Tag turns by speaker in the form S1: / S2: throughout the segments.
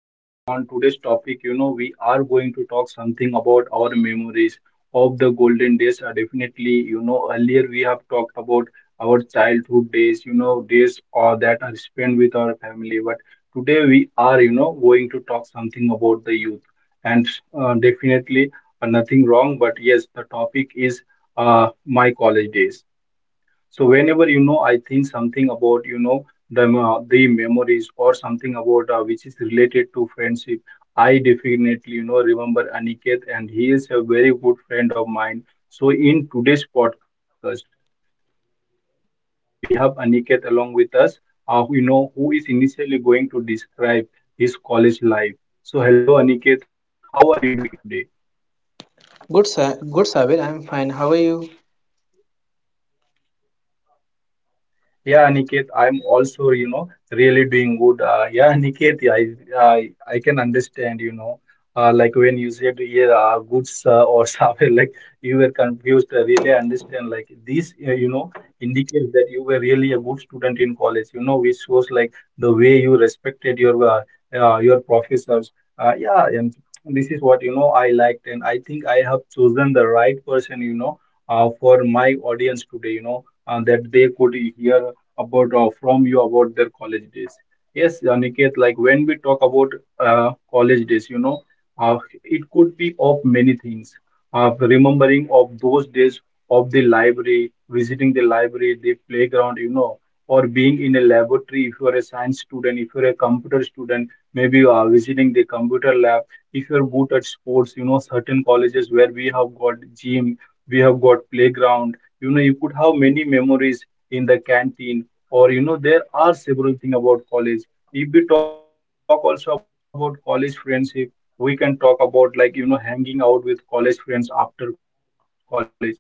S1: really on today's topic, you know, we are going to talk something about our memories of the golden days. Definitely, you know, earlier we have talked about our childhood days, you know, days that are spent with our family. But today we are, you know, going to talk something about the youth. And definitely, nothing wrong, but yes, the topic is my college days. So whenever, you know, I think something about, you know, the memories or something about, which is related to friendship, I definitely, you know, remember Aniket, and he is a very good friend of mine. So in today's podcast, we have Aniket along with us, you know, who is initially going to describe his college life. So hello Aniket, how are you doing today?
S2: Good, Sabir. I'm fine. How are you?
S1: Yeah, Niket, I'm also, you know, really doing good. Yeah, Niket, I can understand, you know, like when you said, yeah, goods or something, like you were confused. I really understand. Like this, you know, indicates that you were really a good student in college, you know, which was like the way you respected your professors. Yeah, and this is what, you know, I liked. And I think I have chosen the right person, you know, for my audience today, you know, that they could hear about or from you about their college days. Yes, Aniket, like when we talk about college days, you know, uh, it could be of many things. Remembering of those days of the library, visiting the library, the playground, you know, or being in a laboratory. If you are a science student, if you're a computer student, maybe visiting the computer lab. If you're good at sports, you know, certain colleges where we have got gym, we have got playground, you know, you could have many memories in the canteen. Or, you know, there are several things about college. If we talk also about college friendship, we can talk about, like, you know, hanging out with college friends after college.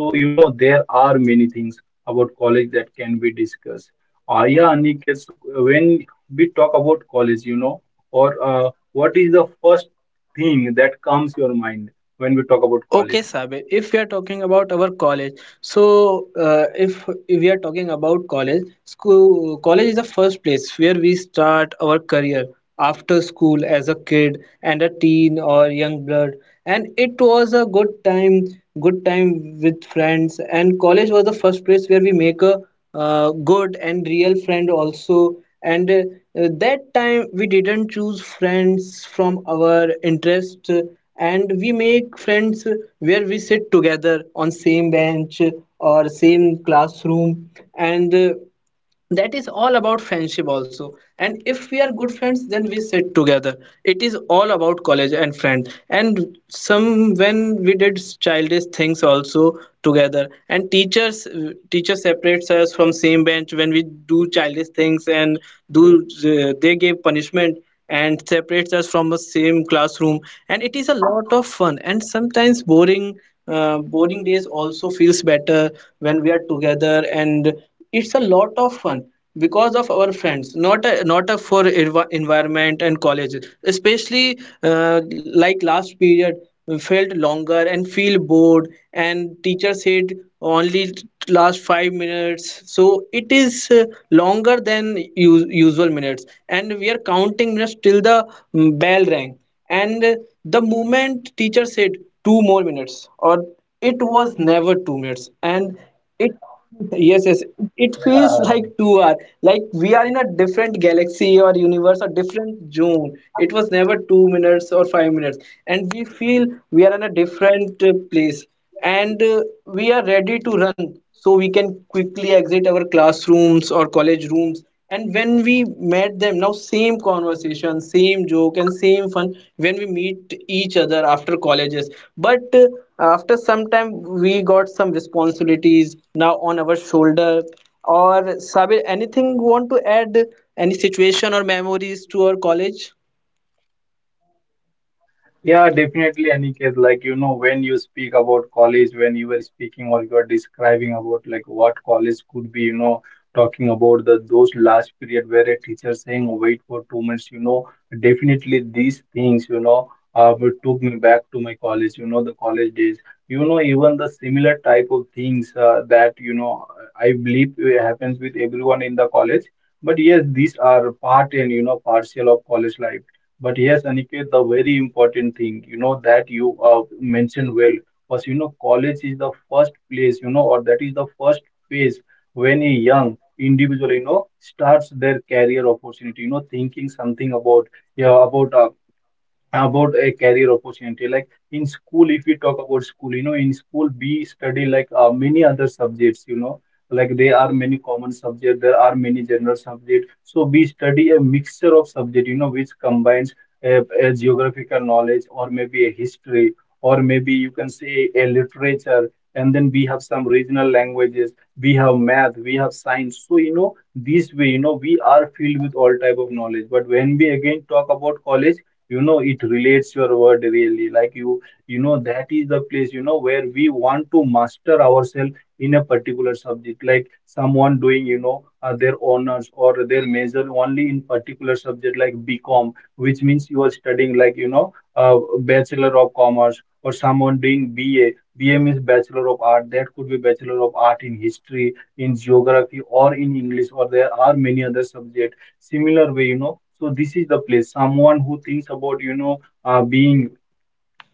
S1: So, you know, there are many things about college that can be discussed. Yeah, Aniket, so when we talk about college, you know, or what is the first thing that comes your mind when we talk about
S2: Okay,
S1: college?
S2: Sabir, if we are talking about our college, so if we are talking about college, school, college is the first place where we start our career after school as a kid and a teen or young blood. And it was a good time with friends. And college was the first place where we make a good and real friend also, and that time we didn't choose friends from our interest, and we make friends where we sit together on same bench or same classroom. And that is all about friendship also. And if we are good friends, then we sit together. It is all about college and friend, and some when we did childish things also together. And teacher separates us from same bench when we do childish things, and do they give punishment and separates us from the same classroom. And it is a lot of fun and sometimes boring. Boring days also feels better when we are together, and it's a lot of fun because of our friends, not a for environment and colleges. Especially like last period, we felt longer and feel bored, and teacher said only last 5 minutes. So it is longer than usual minutes, and we are counting minutes till the bell rang. And the moment teacher said 2 more minutes, or it was never 2 minutes. And it yes, yes. It feels like 2 hours. Like we are in a different galaxy or universe or different zone. It was never 2 minutes or 5 minutes. And we feel we are in a different place. And we are ready to run so we can quickly exit our classrooms or college rooms. And when we met them now, same conversation, same joke, and same fun when we meet each other after colleges. But after some time we got some responsibilities now on our shoulder. Or Sabir, anything you want to add, any situation or memories to our college?
S1: Yeah, definitely, Aniket. Like, you know, when you speak about college, when you were speaking or you are describing about like what college could be, you know, talking about the those last period where a teacher saying wait for 2 minutes, you know, definitely these things, you know, would took me back to my college, you know, the college days. You know, even the similar type of things that, you know, I believe it happens with everyone in the college. But yes, these are part and, you know, partial of college life. But yes, Aniket, the very important thing, you know, that you mentioned well was, you know, college is the first place, you know, or that is the first phase when a young individual, you know, starts their career opportunity, you know, thinking something about, yeah, about a career opportunity. Like in school, if we talk about school, you know, in school we study like, many other subjects, you know, like there are many common subjects, there are many general subjects. So we study a mixture of subject, you know, which combines a geographical knowledge, or maybe a history, or maybe you can say a literature. And then we have some regional languages, we have math, we have science. So, you know, this way, you know, we are filled with all type of knowledge. But when we again talk about college, you know, it relates your word really. Like you know, that is the place, you know, where we want to master ourselves in a particular subject. Like someone doing, you know, their honors or their major only in particular subject, like BCom, which means you are studying like, you know, bachelor of commerce. Or someone doing BA. BA means bachelor of art. That could be bachelor of art in history, in geography, or in English, or there are many other subjects. Similar way, you know, so this is the place. Someone who thinks about, you know, being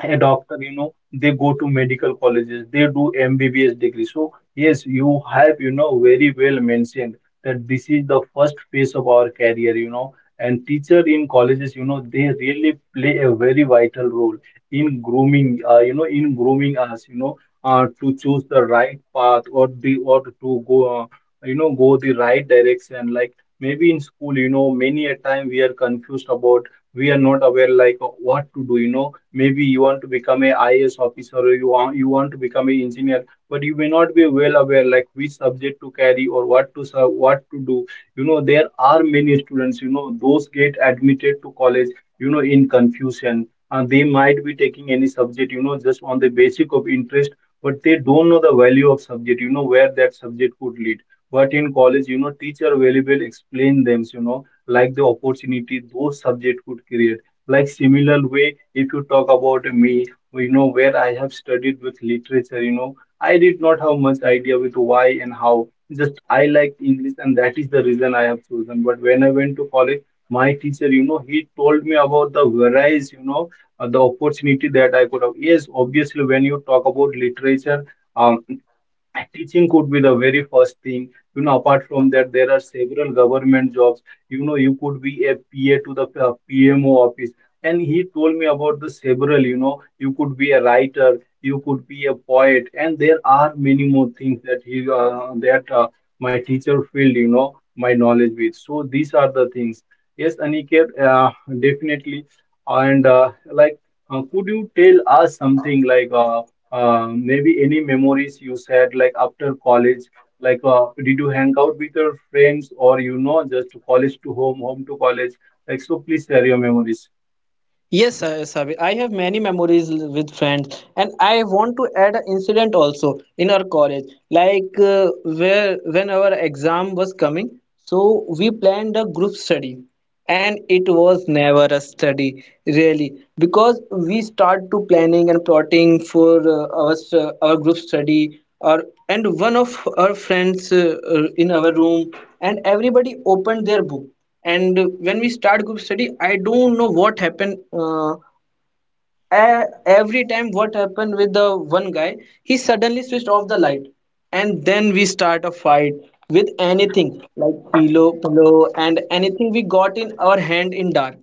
S1: a doctor, you know, they go to medical colleges, they do MBBS degree. So yes, you have, you know, very well mentioned that this is the first phase of our career, you know. And teacher in colleges, you know, they really play a very vital role in grooming, you know, in grooming us, you know, to choose the right path, or the, or to go, you know, go the right direction. Like maybe in school, you know, many a time we are confused about, we are not aware like what to do, you know. Maybe you want to become a IAS officer, or you want, you want to become an engineer, but you may not be well aware like which subject to carry or what to serve, what to do. You know, there are many students, you know, those get admitted to college, you know, in confusion. And they might be taking any subject, you know, just on the basic of interest, but they don't know the value of subject, you know, where that subject could lead. But in college, you know, teacher very well explain them, you know, like the opportunity those subject could create. Like similar way, if you talk about me, you know, where I have studied with literature, you know, I did not have much idea with why and how. Just I liked English, and that is the reason I have chosen. But when I went to college, my teacher, you know, he told me about the varieties, you know, the opportunity that I could have. Yes, obviously, when you talk about literature, um. teaching could be the very first thing. You know, apart from that, there are several government jobs. You know, you could be a PA to the PMO office. And he told me about the several, you know, you could be a writer, you could be a poet, and there are many more things that he that my teacher filled, you know, my knowledge with. So these are the things. Yes, Aniket, definitely. And like, could you tell us something like? Maybe any memories you said like after college, like did you hang out with your friends, or you know, just college to home, home to college? Like so, please share your memories.
S2: Yes, Sabir. I have many memories with friends, and I want to add an incident also in our college. Like where when our exam was coming, so we planned a group study, and it was never a study really because we start to planning and plotting for our group study. Or and one of our friends, in our room, and everybody opened their book. And when we start group study, I don't know what happened. Every time what happened with the one guy, he suddenly switched off the light, and then we start a fight with anything, like pillow and anything we got in our hand in dark.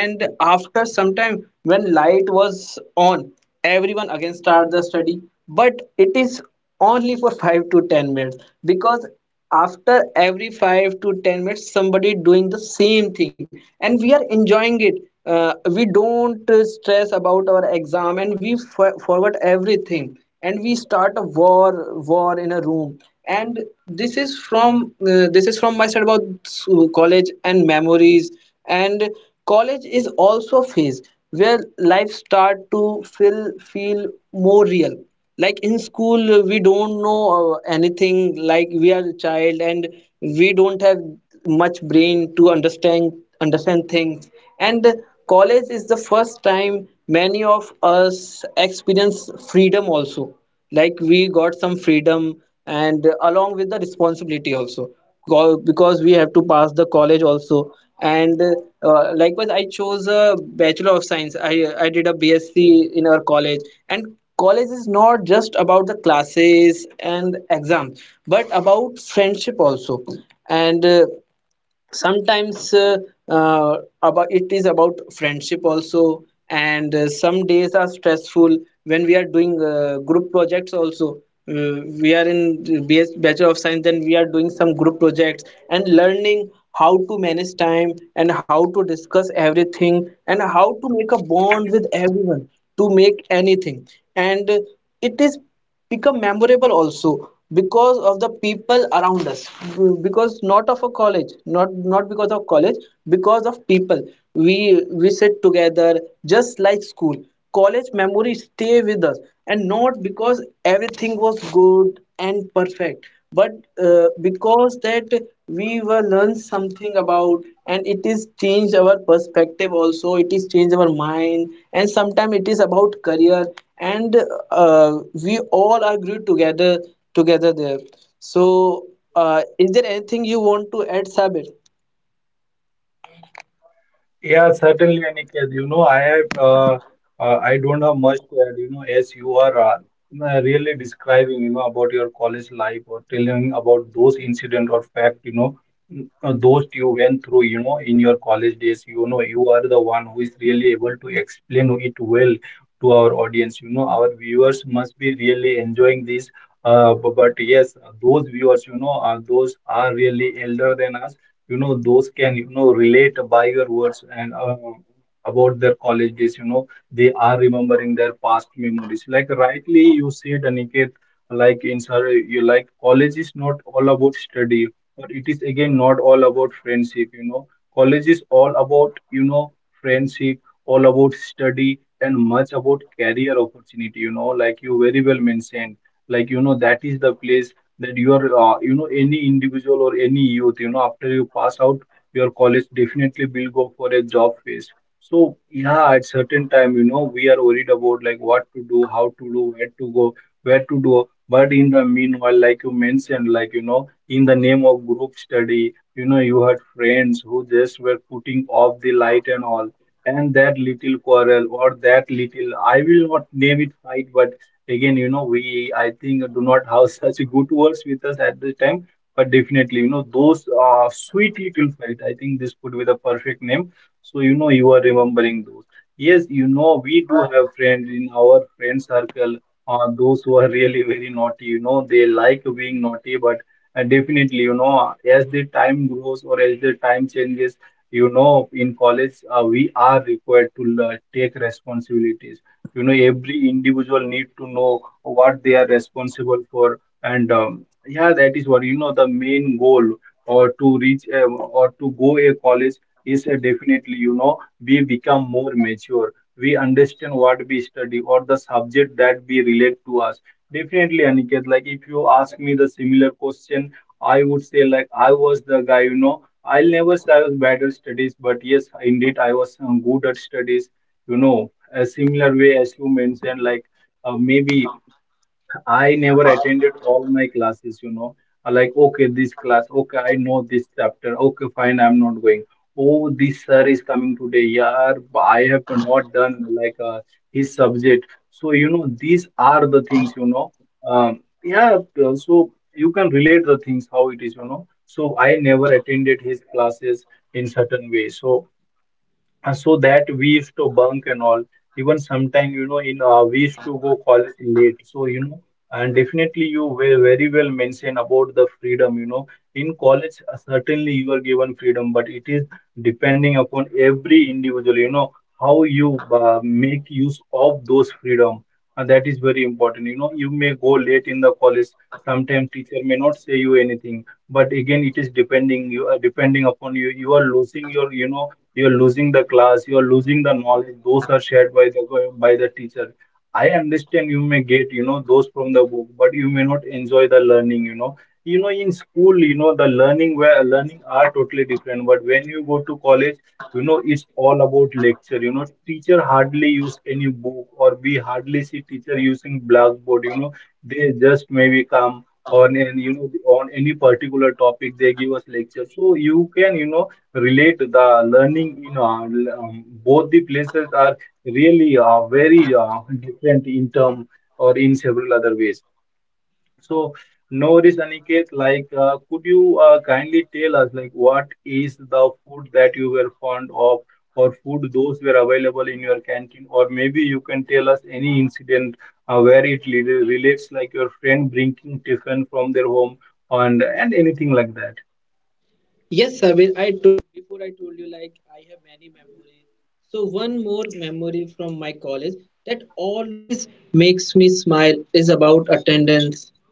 S2: And after some time, when light was on, everyone again start the study, but it is only for 5 to 10 minutes because after every 5 to 10 minutes, somebody doing the same thing, and we are enjoying it. We don't stress about our exam, and we forget everything, and we start a war in a room. And this is from this is from my side about college and memories. And college is also a phase where life start to feel feel more real. Like in school, we don't know anything. Like we are a child, and we don't have much brain to understand things. And college is the first time many of us experience freedom also. Like we got some freedom and along with the responsibility also. Because we have to pass the college also. And likewise, I chose a bachelor of science. I did a BSc in our college. And college is not just about the classes and exams, but about friendship also. And sometimes, about it is about friendship also. And some days are stressful when we are doing group projects also. We are in BS, bachelor of science, then we are doing some group projects, and learning how to manage time and how to discuss everything and how to make a bond with everyone to make anything. And it is become memorable also because of the people around us. Because not of a college, not because of college, because of people, we we sit together. Just like school, college memories stay with us. And not because everything was good and perfect, but because that we were learned something about, and it is changed our perspective also. It is changed our mind, and sometimes it is about career. And uh, we all are grew together there. So is there anything you want to add, Sabir?
S1: Yeah, certainly, Aniket. You know, I have, I don't have much to add. You know, as you are really describing, you know, about your college life or telling about those incident or fact, you know, those you went through, you know, in your college days. You know, you are the one who is really able to explain it well to our audience. You know, our viewers must be really enjoying this. But yes, those viewers, you know, those are really elder than us, you know, those can, you know, relate by your words. And about their college days, you know, they are remembering their past memories. Like rightly you said, Aniket, like in sir, you like, college is not all about study, but it is again not all about friendship. You know, college is all about, you know, friendship, all about study, and much about career opportunity, you know, like you very well mentioned. Like, you know, that is the place that you are, you know, any individual or any youth, you know, after you pass out your college, definitely will go for a job phase. So yeah, at certain time, you know, we are worried about like what to do, how to do, where to go, where to do. But in the meanwhile, like you mentioned, like, you know, in the name of group study, you know, you had friends who just were putting off the light and all. And that little quarrel, or that little, I will not name it fight, but again, you know, we, I think, do not have such good words with us at this time. But definitely, you know, those sweet little fight, I think, this could be the perfect name. So, you know, you are remembering those. Yes, you know, we do have friends in our friend circle, those who are really very naughty, you know, they like being naughty. But definitely, you know, as the time grows or as the time changes, you know, in college, we are required to learn, take responsibilities. You know, every individual need to know what they are responsible for, and yeah, that is what, you know, the main goal or to reach a, or to go a college is a, definitely, you know, we become more mature, we understand what we study or the subject that we relate to us. Definitely, Aniket, like if you ask me the similar question, I would say like I was the guy, you know, I'll never say I was bad at studies, but yes indeed I was good at studies, you know, a similar way as you mentioned, like maybe I never attended all my classes, you know. Like, okay, this class, okay, I know this chapter, okay, fine, I'm not going. Oh, this sir is coming today, yeah, I have not done like his subject. So you know these are the things, you know, um, yeah, so you can relate the things how it is, you know. So I never attended his classes in certain way. So so that we used to bunk and all. Even sometime, you know, in we used to go college late, so you know. And definitely you were very well mentioned about the freedom, you know, in college. Certainly you are given freedom, but it is depending upon every individual, you know, how you make use of those freedom. And that is very important, you know, you may go late in the college, sometimes teacher may not say you anything, but again it is depending, you are depending upon you, you are losing your, you know, you're losing the class, you're losing the knowledge those are shared by the teacher. I understand you may get, you know, those from the book, but you may not enjoy the learning, you know. You know, in school, you know, the learning, where learning are totally different, but when you go to college, you know, it's all about lecture, you know, teacher hardly use any book or we hardly see teacher using blackboard, you know, they just maybe come on and, you know, on any particular topic they give us lecture, so you can, you know, relate the learning, you know. Both the places are really very different in term or in several other ways. So no worries, Aniket, like could you kindly tell us like what is the food that you were fond of, or food those were available in your canteen, or maybe you can tell us any incident where it relates like your friend bringing tiffin from their home, and anything like that.
S2: Attendance.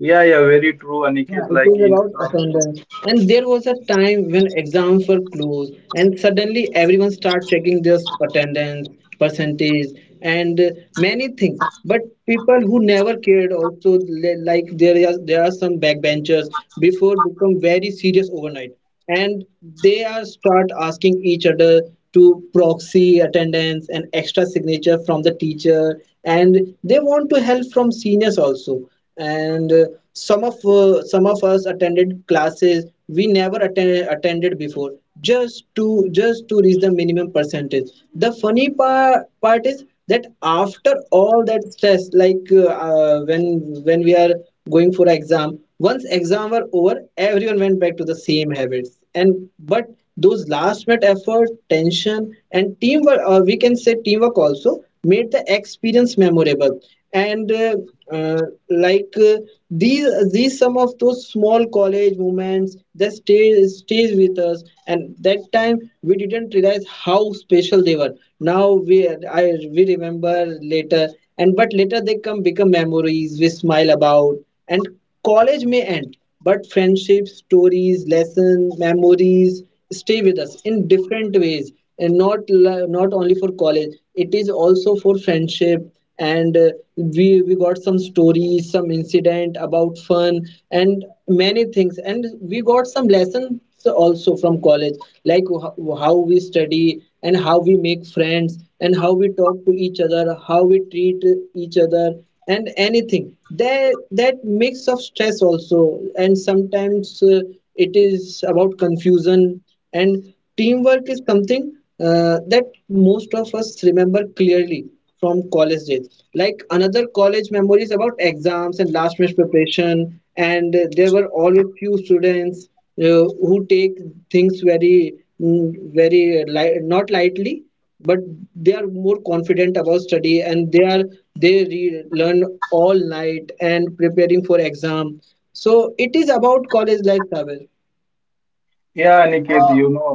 S1: Yeah, yeah, very true,
S2: Yeah,
S1: Aniket.
S2: it
S1: Like
S2: is
S1: in.
S2: about attendance. And there was a time when exams were closed, and suddenly everyone started checking their attendance, percentage, and many things. But people who never cared also, like there are some backbenchers, before become very serious overnight, and they are start asking each other to proxy attendance and extra signature from the teacher, and they want to help from seniors also. And some of us attended classes we never attended before, just to reach the minimum percentage. The funny part is that after all that stress, like, when we are going for exam, once exam were over, everyone went back to the same habits. And but those last minute effort, tension, and teamwork, we can say teamwork also, made the experience memorable. And uh, like, these some of those small college moments that stays with us. And that time we didn't realize how special they were. Now we remember later. And but later they come become memories we smile about. And college may end, but friendships, stories, lessons, memories stay with us in different ways. And not only for college, it is also for friendship. And we got some stories, some incident about fun and many things, and we got some lessons also from college, like how we study and how we make friends and how we talk to each other, how we treat each other, and anything that mix of stress also. And sometimes, it is about confusion, and teamwork is something, that most of us remember clearly from college days, like another college memories about exams and last minute preparation. And there were always few students, who take things very, very, not lightly, but they are more confident about study, and they learn all night and preparing for exam. So it is about college life travel.
S1: Yeah, Aniket, you know,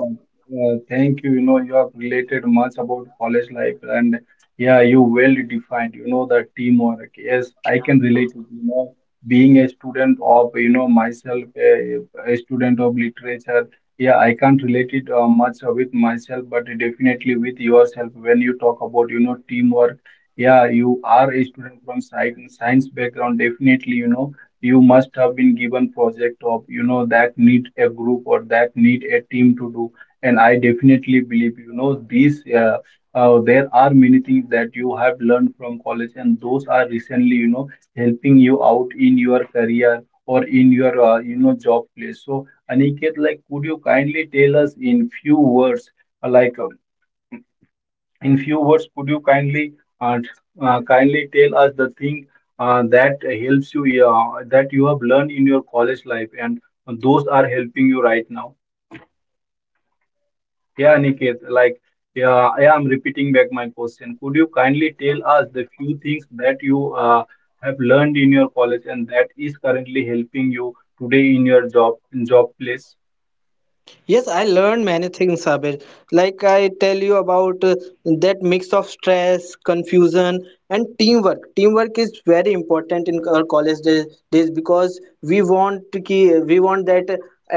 S1: thank you. You know, you have related much about college life, and yeah, you well defined. You know, the teamwork. Yes, I can relate to, you know, being a student of, you know, myself, a student of literature. Yeah, I can't relate it much with myself, but definitely with yourself when you talk about, you know, teamwork. Yeah, you are a student from science background. Definitely, you know, you must have been given project of, you know, that need a group or that need a team to do. And I definitely believe, you know, these there are many things that you have learned from college, and those are recently, you know, helping you out in your career or in your, you know, job place. So Aniket, like could you kindly tell us in few words, uh, like uh, in few words, could you kindly uh, kindly tell us the thing that helps you, that you have learned in your college life, and those are helping you right now? Yeah, Aniket, like yeah, I am repeating back my question. Could you kindly tell us the few things that you have learned in your college and that is currently helping you today in your job place?
S2: Yes, I learned many things, Sabir. Like I tell you about that mix of stress, confusion, and teamwork. Teamwork is very important in our college days because we want to we want that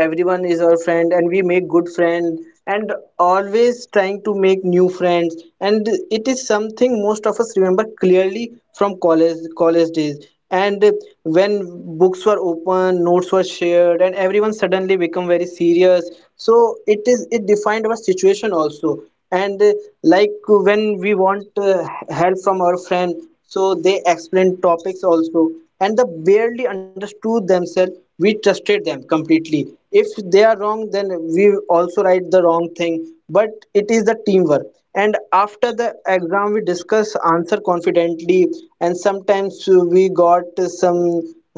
S2: everyone is our friend, and we make good friend, and always trying to make new friends. And it is something most of us remember clearly from college days, and when books were open, notes were shared, and everyone suddenly become very serious. So it defined our situation also. And like, when we want help from our friend, so they explain topics also, and they barely understood themselves, we trusted them completely. If they are wrong, then we also write the wrong thing, but it is the teamwork. And after the exam, we discuss answer confidently, and sometimes we got some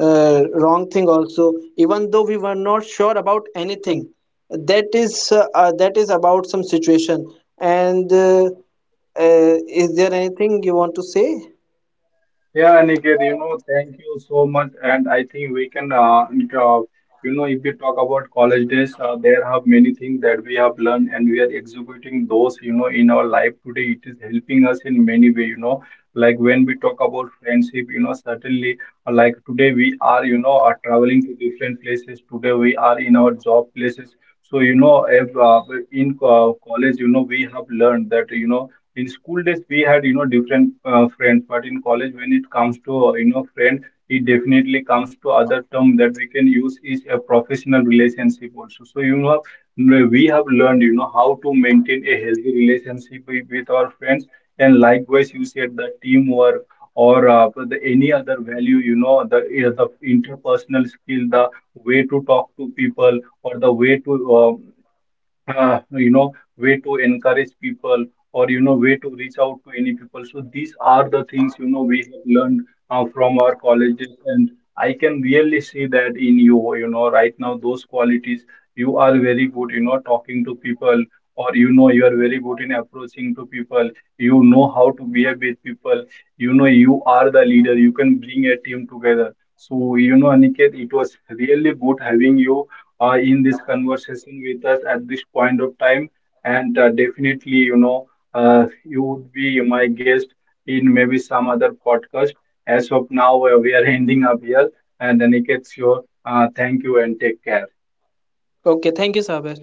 S2: wrong thing also, even though we were not sure about anything. That is about some situation. And uh, is there anything you want to say?
S1: Yeah, Aniket, you know, thank you so much. And I think we can, you know, if we talk about college days, there have many things that we have learned, and we are executing those, you know, in our life today. It is helping us in many way, you know, like when we talk about friendship, you know, certainly, like today we are, you know, are traveling to different places. Today we are in our job places. So, you know, if, in college, you know, we have learned that, you know, in school days we had, you know, different friends, but in college when it comes to you know, friend, it definitely comes to other term that we can use is a professional relationship also. So, you know, we have learned, you know, how to maintain a healthy relationship with our friends, and likewise you said the teamwork or the, any other value, you know, the the interpersonal skill, the way to talk to people, or the way to uh, you know, way to encourage people, or, you know, way to reach out to any people. So these are the things, you know, we have learned from our colleges. And I can really see that in you, you know, right now, those qualities, you are very good, you know, talking to people, or, you know, you are very good in approaching to people, you know, how to behave with people, you know, you are the leader, you can bring a team together. So, you know, Aniket, it was really good having you in this conversation with us at this point of time. And definitely, you know, you would be my guest in maybe some other podcast. As of now, we are ending up here. And Aniket, sure. Thank you and take care.
S2: Okay, thank you, Saber.